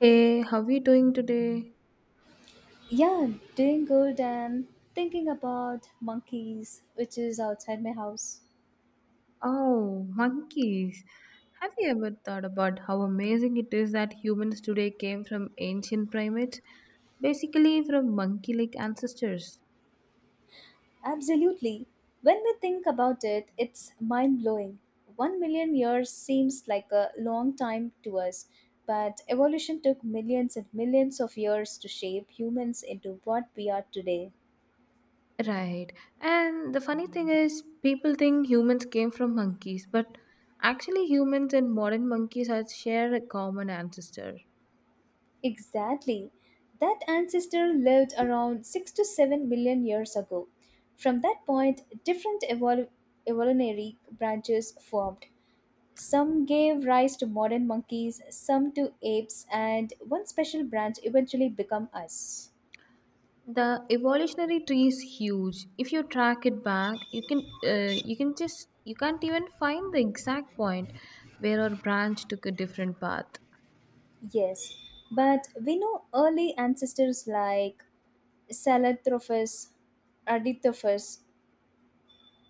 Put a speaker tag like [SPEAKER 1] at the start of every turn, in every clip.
[SPEAKER 1] Hey, how are you doing today?
[SPEAKER 2] Yeah, doing good and thinking about monkeys, which is outside my house.
[SPEAKER 1] Oh, monkeys. Have you ever thought about how amazing it is that humans today came from ancient primates, basically from monkey-like ancestors?
[SPEAKER 2] Absolutely. When we think about it, it's mind blowing. 1 million years seems like a long time to us, but evolution took millions and millions of years to shape humans into what we are today.
[SPEAKER 1] Right. And the funny thing is, people think humans came from monkeys, but actually humans and modern monkeys have shared a common ancestor.
[SPEAKER 2] Exactly. That ancestor lived around 6 to 7 million years ago. From that point, evolutionary branches formed. Some gave rise to modern monkeys, some to apes, and one special branch eventually became us.
[SPEAKER 1] The evolutionary tree is huge. If you track it back, you can't even find the exact point where our branch took a different path.
[SPEAKER 2] Yes, but we know early ancestors like Salatrophus, Ardithophus,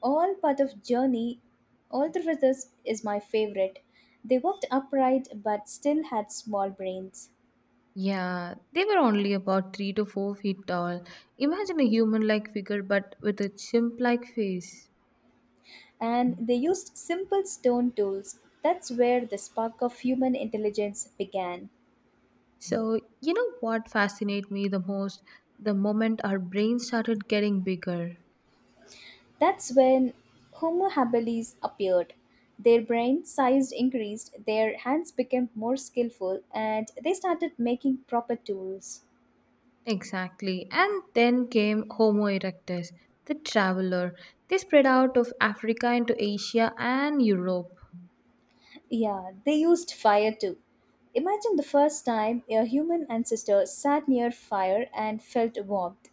[SPEAKER 2] all part of journey. All is my favorite. They walked upright but still had small brains.
[SPEAKER 1] Yeah, they were only about 3 to 4 feet tall. Imagine a human-like figure, but with a chimp-like face.
[SPEAKER 2] And they used simple stone tools. That's where the spark of human intelligence began.
[SPEAKER 1] So you know what fascinated me the most? The moment our brains started getting bigger.
[SPEAKER 2] That's when Homo habilis appeared. Their brain size increased, their hands became more skillful, and they started making proper tools.
[SPEAKER 1] Exactly. And then came Homo erectus, the traveler. They spread out of Africa into Asia and Europe.
[SPEAKER 2] Yeah, they used fire too. Imagine the first time a human ancestor sat near fire and felt warmth.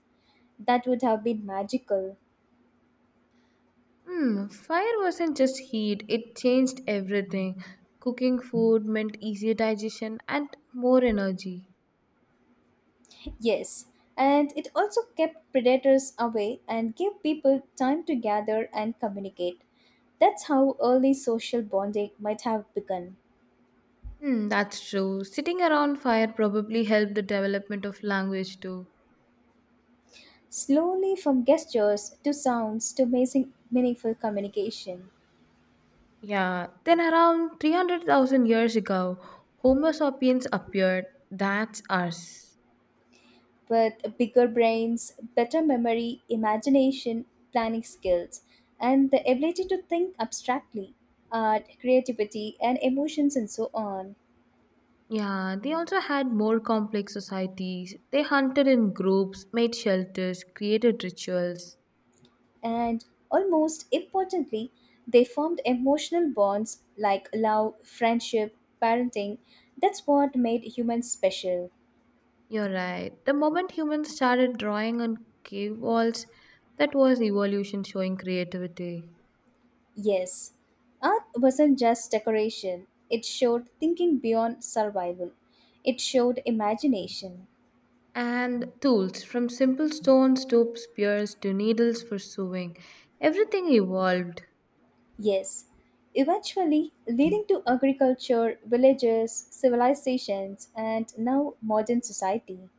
[SPEAKER 2] That would have been magical.
[SPEAKER 1] Fire wasn't just heat, it changed everything. Cooking food meant easier digestion and more energy.
[SPEAKER 2] Yes, and it also kept predators away and gave people time to gather and communicate. That's how early social bonding might have begun.
[SPEAKER 1] That's true. Sitting around fire probably helped the development of language too.
[SPEAKER 2] Slowly, from gestures to sounds to amazing, meaningful communication.
[SPEAKER 1] Yeah, then around 300,000 years ago, Homo sapiens appeared. That's us.
[SPEAKER 2] With bigger brains, better memory, imagination, planning skills, and the ability to think abstractly, art, creativity, and emotions, and so on.
[SPEAKER 1] Yeah, they also had more complex societies. They hunted in groups, made shelters, created rituals.
[SPEAKER 2] And almost importantly, they formed emotional bonds like love, friendship, parenting. That's what made humans special.
[SPEAKER 1] You're right. The moment humans started drawing on cave walls, that was evolution showing creativity.
[SPEAKER 2] Yes, art wasn't just decoration, it showed thinking beyond survival, it showed imagination.
[SPEAKER 1] And tools, from simple stones to spears to needles for sewing, everything evolved.
[SPEAKER 2] Yes, eventually leading to agriculture, villages, civilizations, and now modern society.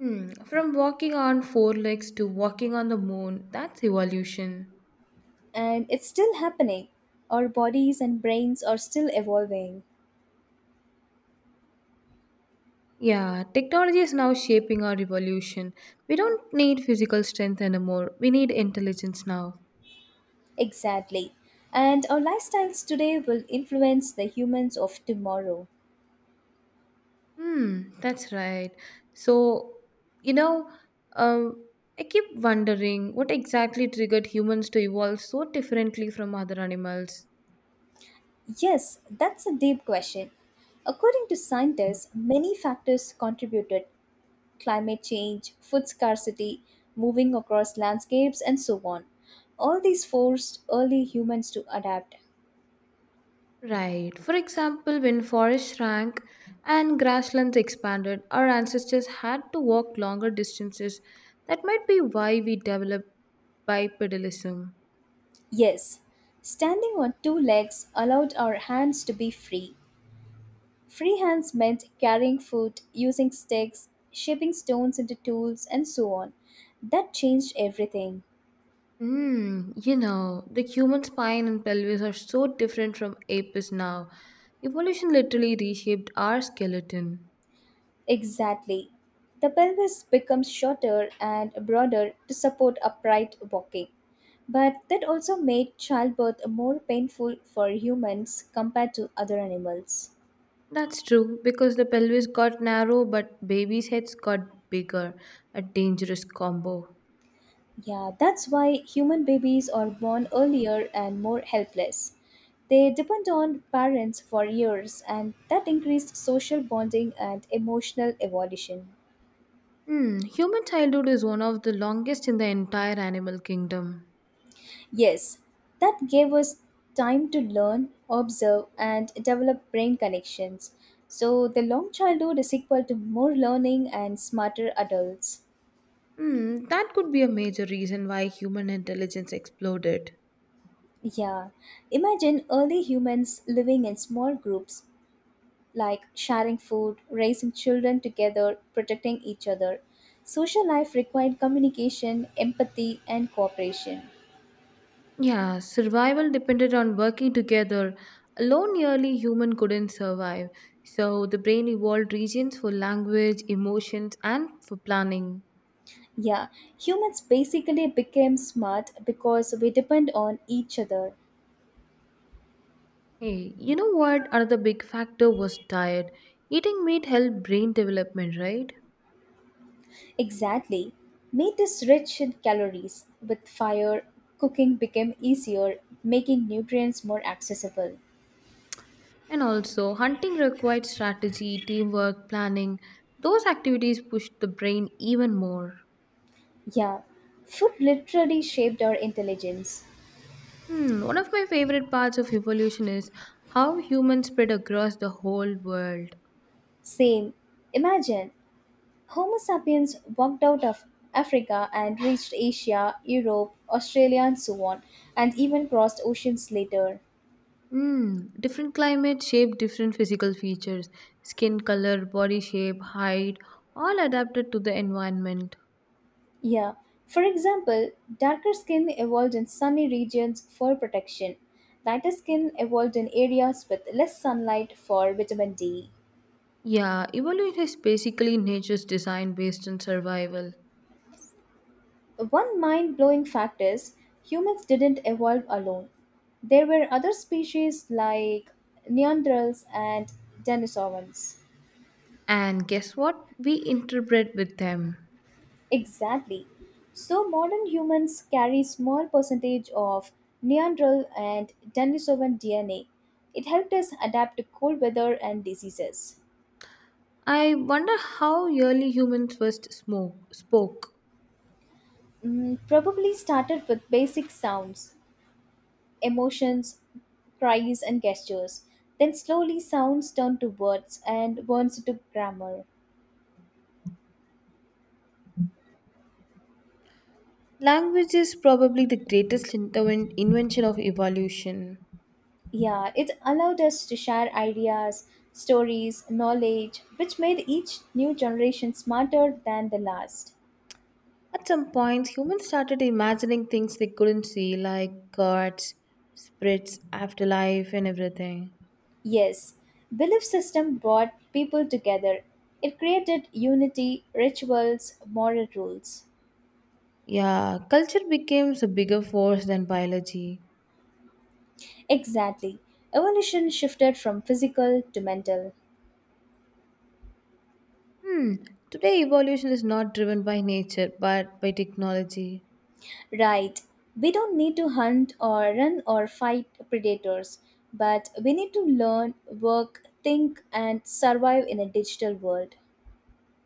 [SPEAKER 1] Hmm. From walking on four legs to walking on the moon, that's evolution.
[SPEAKER 2] And it's still happening. Our bodies and brains are still evolving.
[SPEAKER 1] Yeah, technology is now shaping our revolution. We don't need physical strength anymore. We need intelligence now.
[SPEAKER 2] Exactly. And our lifestyles today will influence the humans of tomorrow.
[SPEAKER 1] That's right. So, you know, um, I keep wondering what exactly triggered humans to evolve so differently from other animals.
[SPEAKER 2] Yes, that's a deep question. According to scientists, many factors contributed: climate change, food scarcity, moving across landscapes, and so on. All these forced early humans to adapt.
[SPEAKER 1] Right. For example, when forests shrank and grasslands expanded, our ancestors had to walk longer distances. That might be why we developed bipedalism.
[SPEAKER 2] Yes, standing on two legs allowed our hands to be free. Free hands meant carrying food, using sticks, shaping stones into tools, and so on. That changed everything.
[SPEAKER 1] The human spine and pelvis are so different from apes now. Evolution literally reshaped our skeleton.
[SPEAKER 2] Exactly. The pelvis becomes shorter and broader to support upright walking. But that also made childbirth more painful for humans compared to other animals.
[SPEAKER 1] That's true, because the pelvis got narrow, but babies' heads got bigger. A dangerous combo.
[SPEAKER 2] Yeah, that's why human babies are born earlier and more helpless. They depend on parents for years, and that increased social bonding and emotional evolution.
[SPEAKER 1] Human childhood is one of the longest in the entire animal kingdom.
[SPEAKER 2] Yes, that gave us time to learn, observe, and develop brain connections. So, the long childhood is equal to more learning and smarter adults.
[SPEAKER 1] That could be a major reason why human intelligence exploded.
[SPEAKER 2] Yeah, imagine early humans living in small groups, like sharing food, raising children together, protecting each other. Social life required communication, empathy, and cooperation.
[SPEAKER 1] Yeah, survival depended on working together. Alone, nearly human couldn't survive. So the brain evolved regions for language, emotions, and for planning.
[SPEAKER 2] Yeah, humans basically became smart because we depend on each other.
[SPEAKER 1] Hey, you know what? Another big factor was diet. Eating meat helped brain development, right?
[SPEAKER 2] Exactly. Meat is rich in calories. With fire, cooking became easier, making nutrients more accessible.
[SPEAKER 1] And also, hunting required strategy, teamwork, planning. Those activities pushed the brain even more.
[SPEAKER 2] Yeah, food literally shaped our intelligence.
[SPEAKER 1] One of my favorite parts of evolution is how humans spread across the whole world.
[SPEAKER 2] Same. Imagine Homo sapiens walked out of Africa and reached Asia, Europe, Australia, and so on, and even crossed oceans later.
[SPEAKER 1] Different climates shape different physical features, skin color, body shape, height, all adapted to the environment.
[SPEAKER 2] Yeah. For example, darker skin evolved in sunny regions for protection. Lighter skin evolved in areas with less sunlight for vitamin D.
[SPEAKER 1] Yeah, evolution is basically nature's design based on survival.
[SPEAKER 2] One mind blowing fact is humans didn't evolve alone. There were other species like Neanderthals and Denisovans.
[SPEAKER 1] And guess what? We interpret with them.
[SPEAKER 2] Exactly. So modern humans carry small percentage of Neanderthal and Denisovan DNA. It helped us adapt to cold weather and diseases.
[SPEAKER 1] I wonder how early humans first spoke.
[SPEAKER 2] Mm, probably started with basic sounds, emotions, cries, and gestures. Then slowly sounds turned to words and words to grammar.
[SPEAKER 1] Language is probably the greatest invention of evolution.
[SPEAKER 2] Yeah, it allowed us to share ideas, stories, knowledge, which made each new generation smarter than the last.
[SPEAKER 1] At some point, humans started imagining things they couldn't see, like gods, spirits, afterlife, and everything.
[SPEAKER 2] Yes, belief system brought people together. It created unity, rituals, moral rules.
[SPEAKER 1] Yeah, culture became a bigger force than biology.
[SPEAKER 2] Exactly. Evolution shifted from physical to mental.
[SPEAKER 1] Hmm, Today evolution is not driven by nature but by technology.
[SPEAKER 2] Right. We don't need to hunt or run or fight predators, but we need to learn, work, think, and survive in a digital world.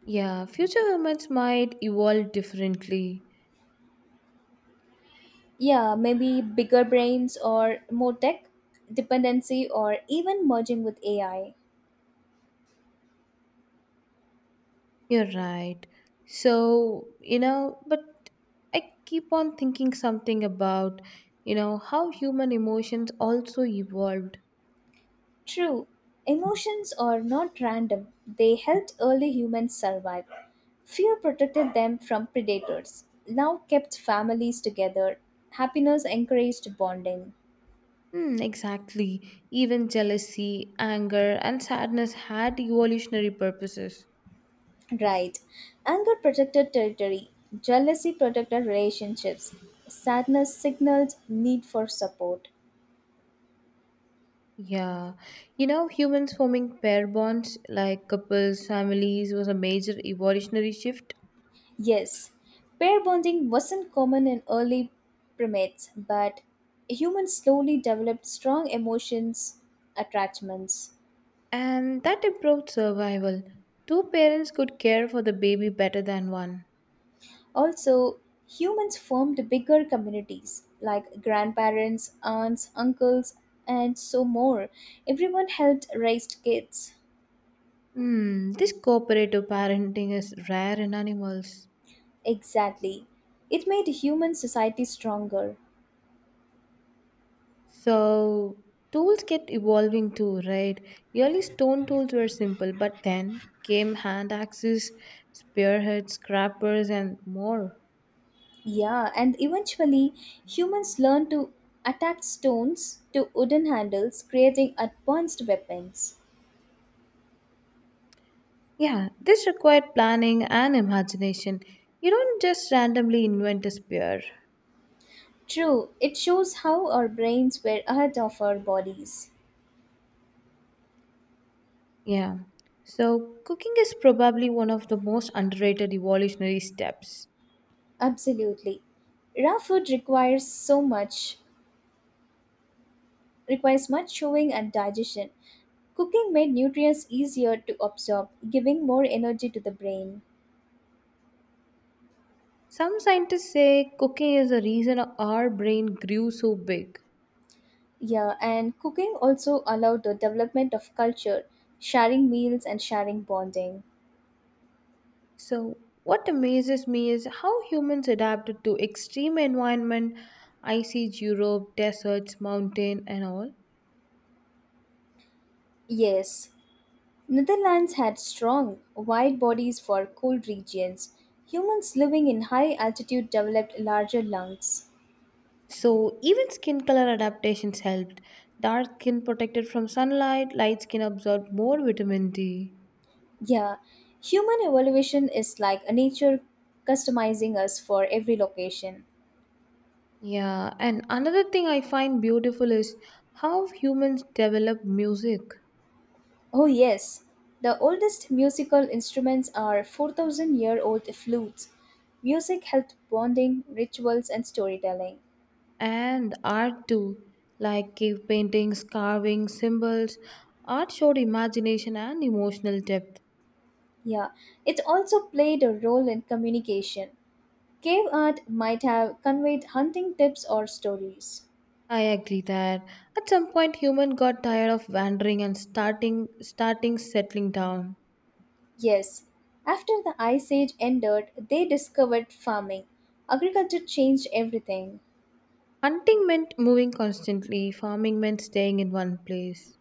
[SPEAKER 1] Yeah, future humans might evolve differently.
[SPEAKER 2] Yeah, maybe bigger brains or more tech, dependency, or even merging with AI.
[SPEAKER 1] You're right. So, but I keep on thinking something about, how human emotions also evolved.
[SPEAKER 2] True, emotions are not random, they helped early humans survive. Fear protected them from predators, love kept families together, happiness encouraged bonding.
[SPEAKER 1] Hmm, exactly. Even jealousy, anger, and sadness had evolutionary purposes.
[SPEAKER 2] Right. Anger protected territory, jealousy protected relationships, sadness signaled need for support.
[SPEAKER 1] Yeah. Humans forming pair bonds like couples, families was a major evolutionary shift,
[SPEAKER 2] Yes, pair bonding wasn't common in early primates, but humans slowly developed strong emotions, attachments.
[SPEAKER 1] and that improved survival. Two parents could care for the baby better than one.
[SPEAKER 2] Also, humans formed bigger communities like grandparents, aunts, uncles, and so more. Everyone helped raise kids.
[SPEAKER 1] This cooperative parenting is rare in animals.
[SPEAKER 2] Exactly. It made human society stronger.
[SPEAKER 1] So tools kept evolving too, right? Early stone tools were simple, but then came hand axes, spearheads, scrappers, and more.
[SPEAKER 2] Yeah, and eventually humans learned to attach stones to wooden handles, creating advanced weapons.
[SPEAKER 1] Yeah, this required planning and imagination. You don't just randomly invent a spear.
[SPEAKER 2] True, it shows how our brains were ahead of our bodies.
[SPEAKER 1] Yeah. So cooking is probably one of the most underrated evolutionary steps.
[SPEAKER 2] Absolutely. Raw food requires so much, requires much chewing and digestion. Cooking made nutrients easier to absorb, giving more energy to the brain.
[SPEAKER 1] Some scientists say cooking is the reason our brain grew so big.
[SPEAKER 2] Yeah, and cooking also allowed the development of culture, sharing meals and sharing bonding.
[SPEAKER 1] So, what amazes me is how humans adapted to extreme environment, ice age Europe, deserts, mountain, and all.
[SPEAKER 2] Yes, Netherlands had strong, wide bodies for cold regions. Humans living in high altitude developed larger lungs.
[SPEAKER 1] So, even skin color adaptations helped. Dark skin protected from sunlight, light skin absorbed more vitamin D.
[SPEAKER 2] Yeah, human evolution is like a nature customizing us for every location.
[SPEAKER 1] Yeah, and another thing I find beautiful is how humans develop music,
[SPEAKER 2] Oh, yes, the oldest musical instruments are 4,000 year old flutes. Music helped bonding, rituals, and storytelling.
[SPEAKER 1] and art too, like cave paintings, carvings, symbols. Art showed imagination and emotional depth.
[SPEAKER 2] Yeah, it also played a role in communication. Cave art might have conveyed hunting tips or stories.
[SPEAKER 1] I agree that at some point human got tired of wandering and starting settling down.
[SPEAKER 2] Yes, after the Ice Age ended, they discovered farming. Agriculture changed everything.
[SPEAKER 1] Hunting meant moving constantly, farming meant staying in one place.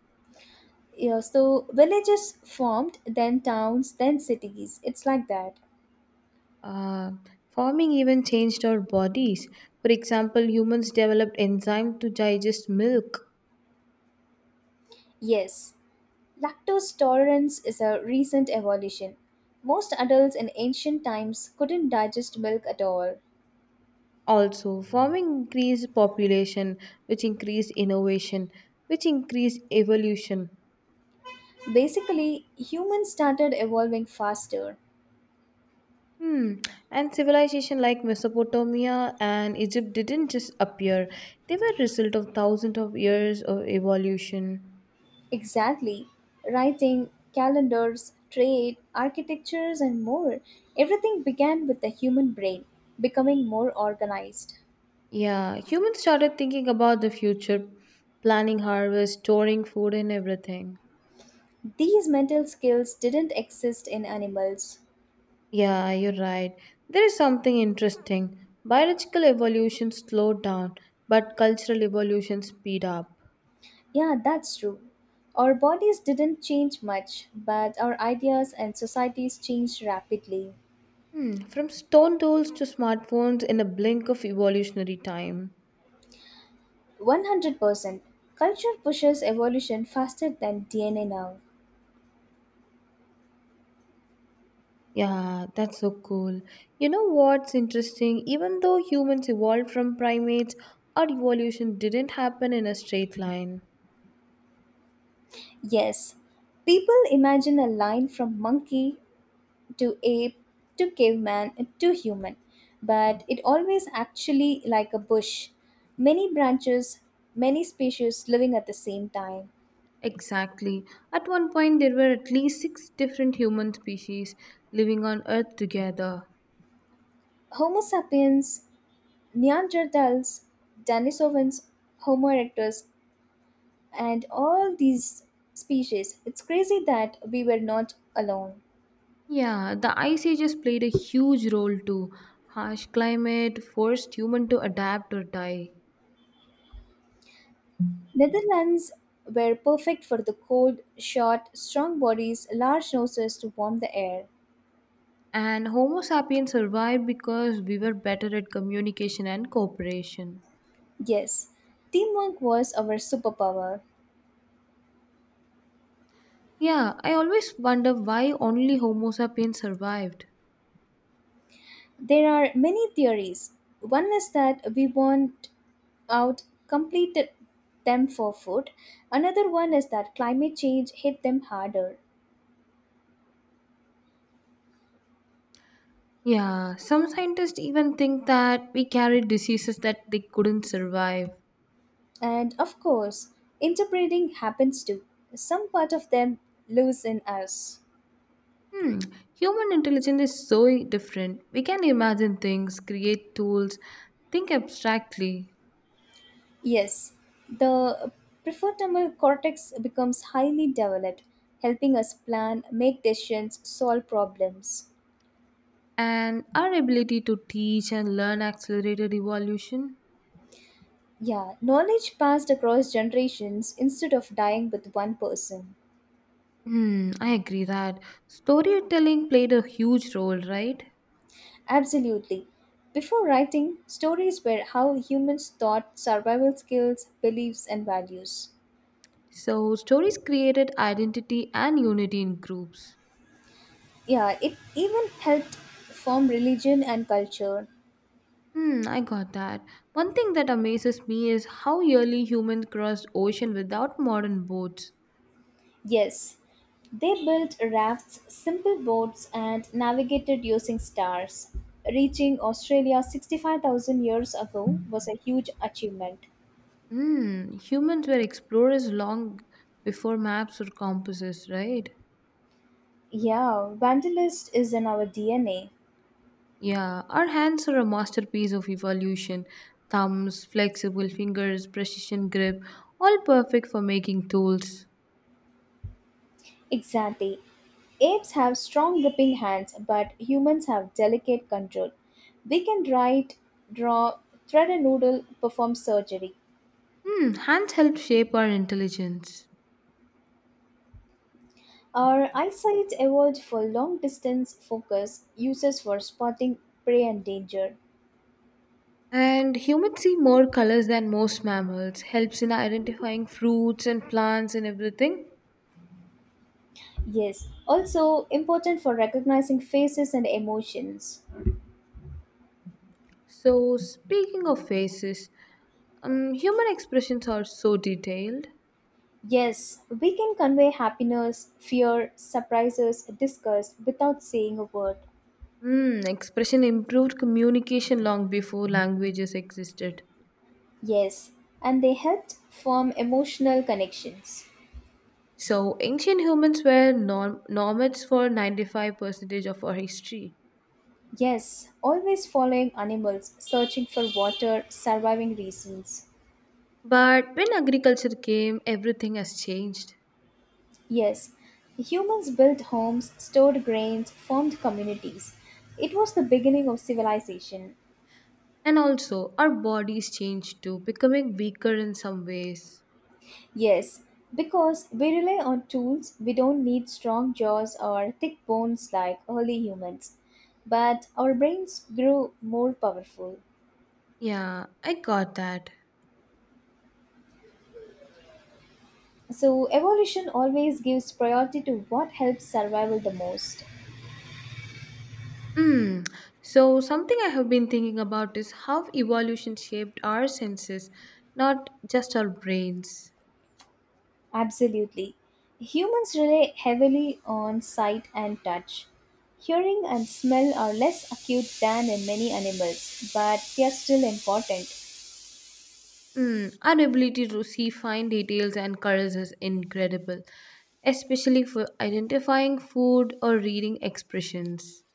[SPEAKER 2] Yeah, so villages formed, then towns, then cities. It's like that.
[SPEAKER 1] Uh, Farming even changed our bodies. For example, humans developed enzymes to digest milk.
[SPEAKER 2] Yes, lactose tolerance is a recent evolution. Most adults in ancient times couldn't digest milk at all.
[SPEAKER 1] Also, farming increased population, which increased innovation, which increased evolution.
[SPEAKER 2] Basically, humans started evolving faster.
[SPEAKER 1] Hmm. And civilization like Mesopotamia and Egypt didn't just appear. They were a result of thousands of years of evolution.
[SPEAKER 2] Exactly. Writing, calendars, trade, architectures, and more. Everything began with the human brain becoming more organized.
[SPEAKER 1] Yeah, humans started thinking about the future, planning harvest, storing food and everything.
[SPEAKER 2] These mental skills didn't exist in animals.
[SPEAKER 1] Yeah, you're right. There is something interesting. Biological evolution slowed down, but cultural evolution speed up.
[SPEAKER 2] Yeah, that's true. Our bodies didn't change much, but our ideas and societies changed rapidly.
[SPEAKER 1] Hmm. From stone tools to smartphones in a blink of evolutionary time.
[SPEAKER 2] 100%. Culture pushes evolution faster than DNA now.
[SPEAKER 1] Yeah, that's so cool. You know what's interesting? Even though humans evolved from primates, our evolution didn't happen in a straight line.
[SPEAKER 2] Yes, people imagine a line from monkey to ape to caveman to human, but it always actually like a bush. Many branches, many species living at the same time.
[SPEAKER 1] Exactly. At one point, there were at least six different human species living on Earth together.
[SPEAKER 2] Homo sapiens, Neanderthals, Denisovans, Homo erectus, and all these species. It's crazy that we were not alone.
[SPEAKER 1] Yeah, the ice ages played a huge role too. Harsh climate forced human to adapt or die.
[SPEAKER 2] Netherlands were perfect for the cold, short, strong bodies, large noses to warm the air.
[SPEAKER 1] And Homo sapiens survived because we were better at communication and cooperation.
[SPEAKER 2] Yes, teamwork was our superpower.
[SPEAKER 1] Yeah, I always wonder why only Homo sapiens survived.
[SPEAKER 2] There are many theories. One is that we want out completed them for food. Another one is that climate change hit them harder.
[SPEAKER 1] Yeah, some scientists even think that we carry diseases that they couldn't survive.
[SPEAKER 2] And of course, interbreeding happens too. Some part of them lives in us.
[SPEAKER 1] Hmm, Human intelligence is so different. We can imagine things, create tools, think abstractly,
[SPEAKER 2] Yes, the prefrontal cortex becomes highly developed, helping us plan, make decisions, solve problems.
[SPEAKER 1] and our ability to teach and learn accelerated evolution.
[SPEAKER 2] Yeah, knowledge passed across generations instead of dying with one person.
[SPEAKER 1] I agree that storytelling played a huge role, right?
[SPEAKER 2] Absolutely. Before writing, stories were how humans thought, survival skills, beliefs, and values.
[SPEAKER 1] So, stories created identity and unity in groups.
[SPEAKER 2] Yeah, it even helped form religion and culture.
[SPEAKER 1] I got that. One thing that amazes me is how early humans crossed ocean without modern boats.
[SPEAKER 2] Yes, they built rafts, simple boats, and navigated using stars. Reaching Australia 65,000 years ago was a huge achievement.
[SPEAKER 1] Humans were explorers long before maps or compasses, right?
[SPEAKER 2] Yeah, vandalist is in our DNA.
[SPEAKER 1] Yeah, our hands are a masterpiece of evolution. Thumbs, flexible fingers, precision grip, all perfect for making tools.
[SPEAKER 2] Exactly. Apes have strong gripping hands, but humans have delicate control. We can write, draw, thread a noodle, perform surgery.
[SPEAKER 1] Hands help shape our intelligence.
[SPEAKER 2] Our eyesight evolved for long distance focus, uses for spotting prey and danger.
[SPEAKER 1] And humans see more colors than most mammals, helps in identifying fruits and plants and everything.
[SPEAKER 2] Yes, also important for recognizing faces and emotions.
[SPEAKER 1] So, speaking of faces, human expressions are so detailed.
[SPEAKER 2] Yes, we can convey happiness, fear, surprises, disgust without saying a word.
[SPEAKER 1] Expression improved communication long before languages existed.
[SPEAKER 2] Yes, and they helped form emotional connections.
[SPEAKER 1] So, ancient humans were nomads for 95% of our history.
[SPEAKER 2] Yes, always following animals, searching for water, surviving reasons.
[SPEAKER 1] But when agriculture came, everything has changed.
[SPEAKER 2] Yes, humans built homes, stored grains, formed communities. It was the beginning of civilization.
[SPEAKER 1] And also, our bodies changed too, becoming weaker in some ways.
[SPEAKER 2] Yes, because we rely on tools, we don't need strong jaws or thick bones like early humans. But our brains grew more powerful.
[SPEAKER 1] Yeah, I got that.
[SPEAKER 2] So, evolution always gives priority to what helps survival the most.
[SPEAKER 1] Hmm. So, something I have been thinking about is how evolution shaped our senses, not just our brains.
[SPEAKER 2] Absolutely. Humans rely heavily on sight and touch. Hearing and smell are less acute than in many animals, but they are still important.
[SPEAKER 1] Hmm. Our ability to see fine details and colors is incredible, especially for identifying food or reading expressions.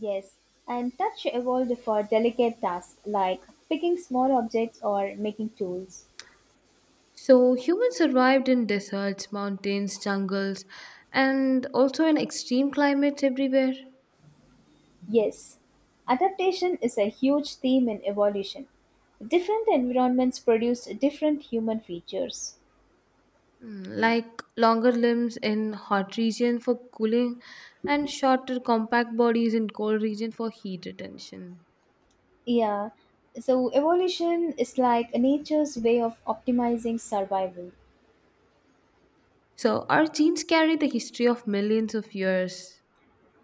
[SPEAKER 2] Yes, and touch evolved for delicate tasks like picking small objects or making tools.
[SPEAKER 1] So, humans survived in deserts, mountains, jungles, and also in extreme climates everywhere.
[SPEAKER 2] Yes, adaptation is a huge theme in evolution. Different environments produce different human features.
[SPEAKER 1] Like longer limbs in hot region for cooling and shorter compact bodies in cold region for heat retention,
[SPEAKER 2] Yeah, so evolution is like nature's way of optimizing survival.
[SPEAKER 1] so our genes carry the history of millions of years.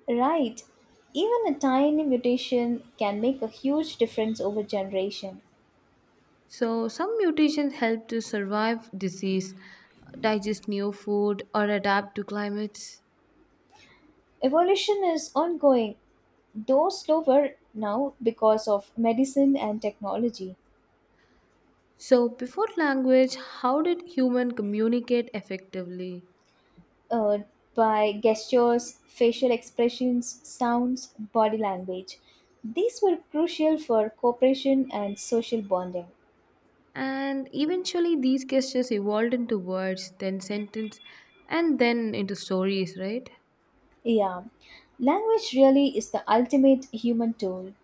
[SPEAKER 2] Right, even a tiny mutation can make a huge difference over generation.
[SPEAKER 1] So some mutations help to survive disease, digest new food, or adapt to climates.
[SPEAKER 2] Evolution is ongoing, though slower now because of medicine and technology.
[SPEAKER 1] So before language, how did human communicate effectively?
[SPEAKER 2] Uh, by gestures, facial expressions, sounds, body language. These were crucial for cooperation and social bonding.
[SPEAKER 1] And eventually these gestures evolved into words, then sentence, and then into stories, right?
[SPEAKER 2] Yeah, language really is the ultimate human tool.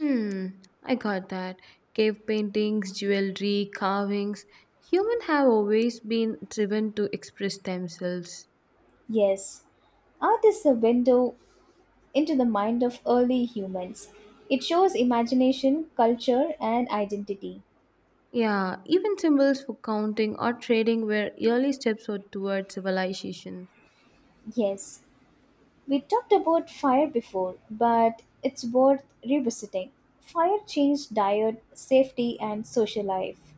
[SPEAKER 1] Hmm, I got that. Cave paintings, jewelry, carvings. Humans have always been driven to express themselves.
[SPEAKER 2] Yes, art is a window into the mind of early humans. It shows imagination, culture, and identity.
[SPEAKER 1] Yeah, even symbols for counting or trading were early steps or towards civilization.
[SPEAKER 2] Yes, we talked about fire before, but it's worth revisiting. Fire changed diet, safety, and social life.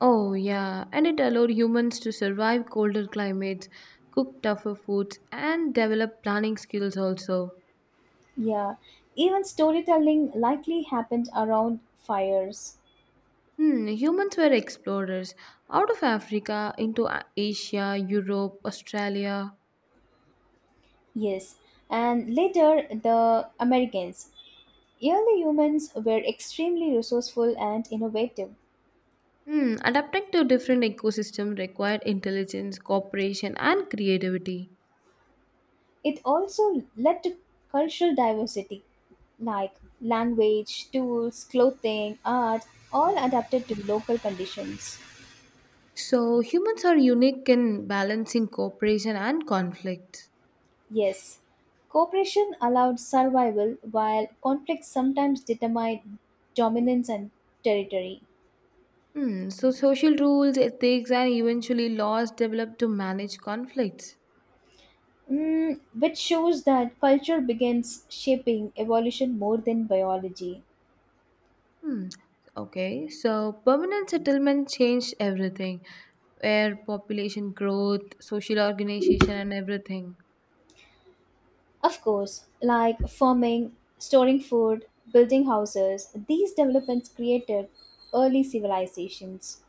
[SPEAKER 1] Oh, yeah, and it allowed humans to survive colder climates, cook tougher foods, and develop planning skills also.
[SPEAKER 2] Yeah, even storytelling likely happened around fires.
[SPEAKER 1] Humans were explorers out of Africa into Asia, Europe, Australia.
[SPEAKER 2] Yes, and later the Americans. Early humans were extremely resourceful and innovative.
[SPEAKER 1] Adapting to different ecosystems require intelligence, cooperation, and creativity.
[SPEAKER 2] It also led to cultural diversity, like language, tools, clothing, art, all adapted to local conditions.
[SPEAKER 1] So humans are unique in balancing cooperation and conflict.
[SPEAKER 2] Yes, cooperation allowed survival while conflicts sometimes determined dominance and territory.
[SPEAKER 1] So social rules, ethics, and eventually laws developed to manage conflicts.
[SPEAKER 2] Mm, which shows that culture begins shaping evolution more than biology.
[SPEAKER 1] Hmm. Okay, so permanent settlement changed everything, where population growth, social organization, and everything.
[SPEAKER 2] Of course, like farming, storing food, building houses, these developments created early civilizations.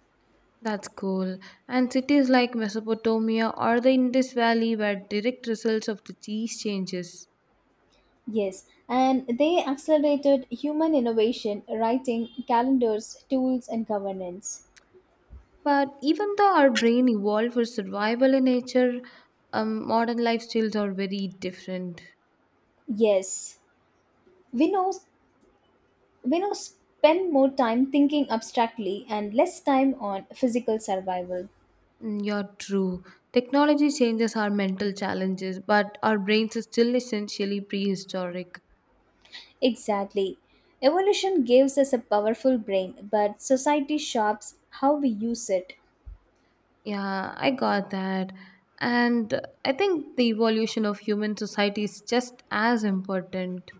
[SPEAKER 1] That's cool. And cities like Mesopotamia or the Indus Valley were direct results of these changes.
[SPEAKER 2] Yes, and they accelerated human innovation, writing, calendars, tools, and governance.
[SPEAKER 1] But even though our brain evolved for survival in nature, modern lifestyles are very different.
[SPEAKER 2] Yes, we know we know spend more time thinking abstractly and less time on physical survival.
[SPEAKER 1] You're true. Technology changes our mental challenges, but our brains are still essentially prehistoric.
[SPEAKER 2] Exactly, evolution gives us a powerful brain, but society shapes how we use it.
[SPEAKER 1] Yeah, I got that. And I think the evolution of human society is just as important.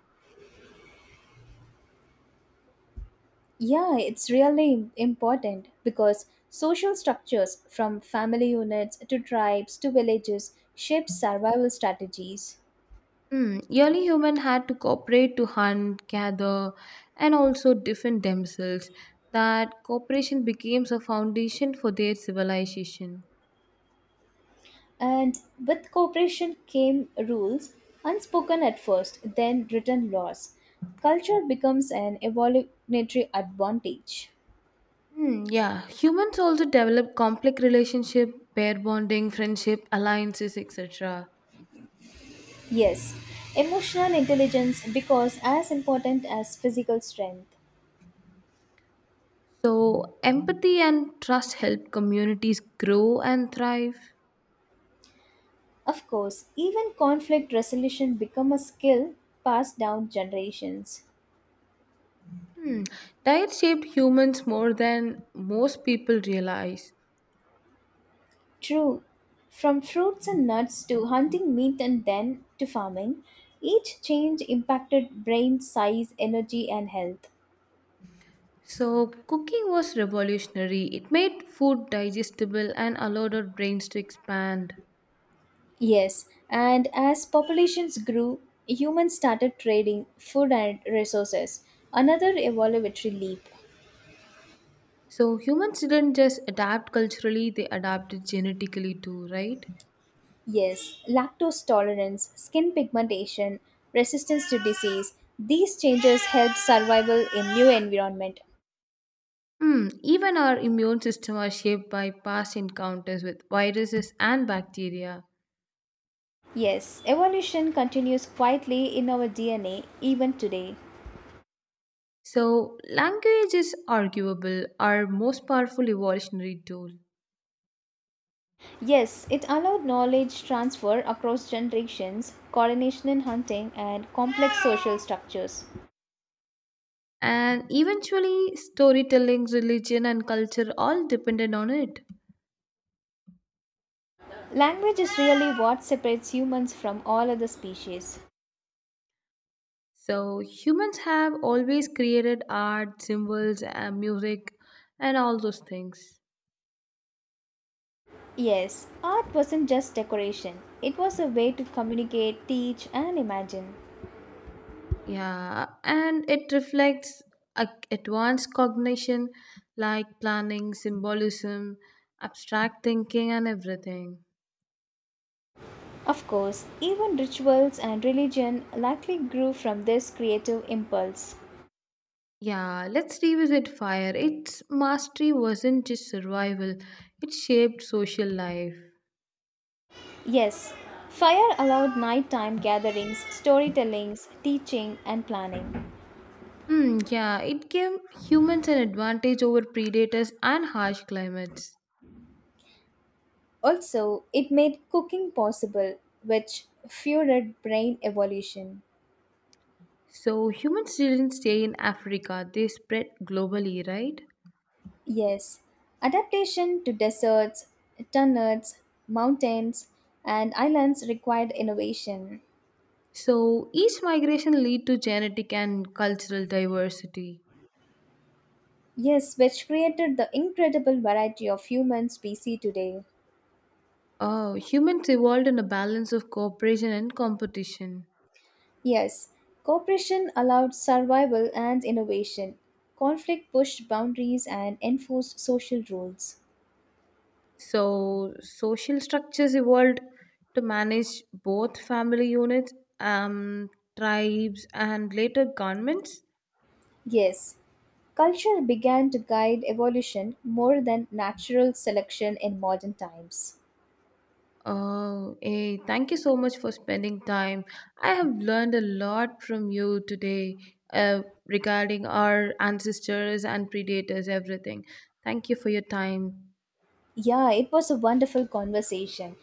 [SPEAKER 2] Yeah, it's really important because social structures from family units to tribes to villages shape survival strategies.
[SPEAKER 1] Early humans had to cooperate to hunt, gather, and also defend themselves. That cooperation became a foundation for their civilization.
[SPEAKER 2] And with cooperation came rules, unspoken at first, then written laws. Culture becomes an evolutionary advantage.
[SPEAKER 1] Yeah, humans also develop complex relationship, pair bonding, friendship, alliances, etc.
[SPEAKER 2] Yes, emotional intelligence becomes as important as physical strength.
[SPEAKER 1] So empathy and trust help communities grow and thrive.
[SPEAKER 2] Of course, even conflict resolution become a skill passed down generations.
[SPEAKER 1] Hmm. Diet shaped humans more than most people realize.
[SPEAKER 2] True, from fruits and nuts to hunting meat and then to farming, each change impacted brain size, energy and health.
[SPEAKER 1] So, cooking was revolutionary. It made food digestible and allowed our brains to expand.
[SPEAKER 2] Yes, and as populations grew, humans started trading food and resources. Another evolutionary leap.
[SPEAKER 1] So, humans didn't just adapt culturally, they adapted genetically too, right?
[SPEAKER 2] Yes, lactose tolerance, skin pigmentation, resistance to disease. These changes helped survival in new environment.
[SPEAKER 1] Hmm. Even our immune system are shaped by past encounters with viruses and bacteria.
[SPEAKER 2] Yes, evolution continues quietly in our DNA even today.
[SPEAKER 1] So, language is arguable, our most powerful evolutionary tool.
[SPEAKER 2] Yes, it allowed knowledge transfer across generations, coordination in hunting, and complex social structures.
[SPEAKER 1] And eventually, storytelling, religion, and culture all depended on it.
[SPEAKER 2] Language is really what separates humans from all other species.
[SPEAKER 1] So, humans have always created art, symbols, and music, and all those things.
[SPEAKER 2] Yes, art wasn't just decoration, it was a way to communicate, teach, and imagine.
[SPEAKER 1] Yeah, and it reflects advanced cognition like planning, symbolism, abstract thinking, and everything.
[SPEAKER 2] Of course, even rituals and religion likely grew from this creative impulse.
[SPEAKER 1] Yeah, let's revisit fire. Its mastery wasn't just survival, it shaped social life.
[SPEAKER 2] Yes, fire allowed nighttime gatherings, storytellings, teaching, and planning.
[SPEAKER 1] Hmm. Yeah, it gave humans an advantage over predators and harsh climates.
[SPEAKER 2] Also, it made cooking possible, which fueled brain evolution.
[SPEAKER 1] So humans didn't stay in Africa, they spread globally, right?
[SPEAKER 2] Yes, adaptation to deserts, turnips, mountains, and islands required innovation.
[SPEAKER 1] So each migration lead to genetic and cultural diversity.
[SPEAKER 2] Yes, which created the incredible variety of human species today.
[SPEAKER 1] Oh, humans evolved in a balance of cooperation and competition.
[SPEAKER 2] Yes, cooperation allowed survival and innovation. Conflict pushed boundaries and enforced social rules.
[SPEAKER 1] So social structures evolved to manage both family units, um, tribes, and later governments.
[SPEAKER 2] Yes, culture began to guide evolution more than natural selection in modern times.
[SPEAKER 1] Oh, hey, thank you so much for spending time. I have learned a lot from you today regarding our ancestors and predators, everything. Thank you for your time.
[SPEAKER 2] Yeah, it was a wonderful conversation.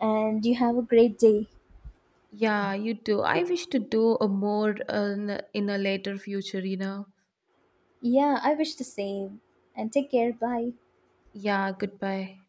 [SPEAKER 2] And you have a great day.
[SPEAKER 1] Yeah, you too. I wish to do a more in a later future.
[SPEAKER 2] Yeah, I wish the same. And take care. Bye.
[SPEAKER 1] Yeah, goodbye.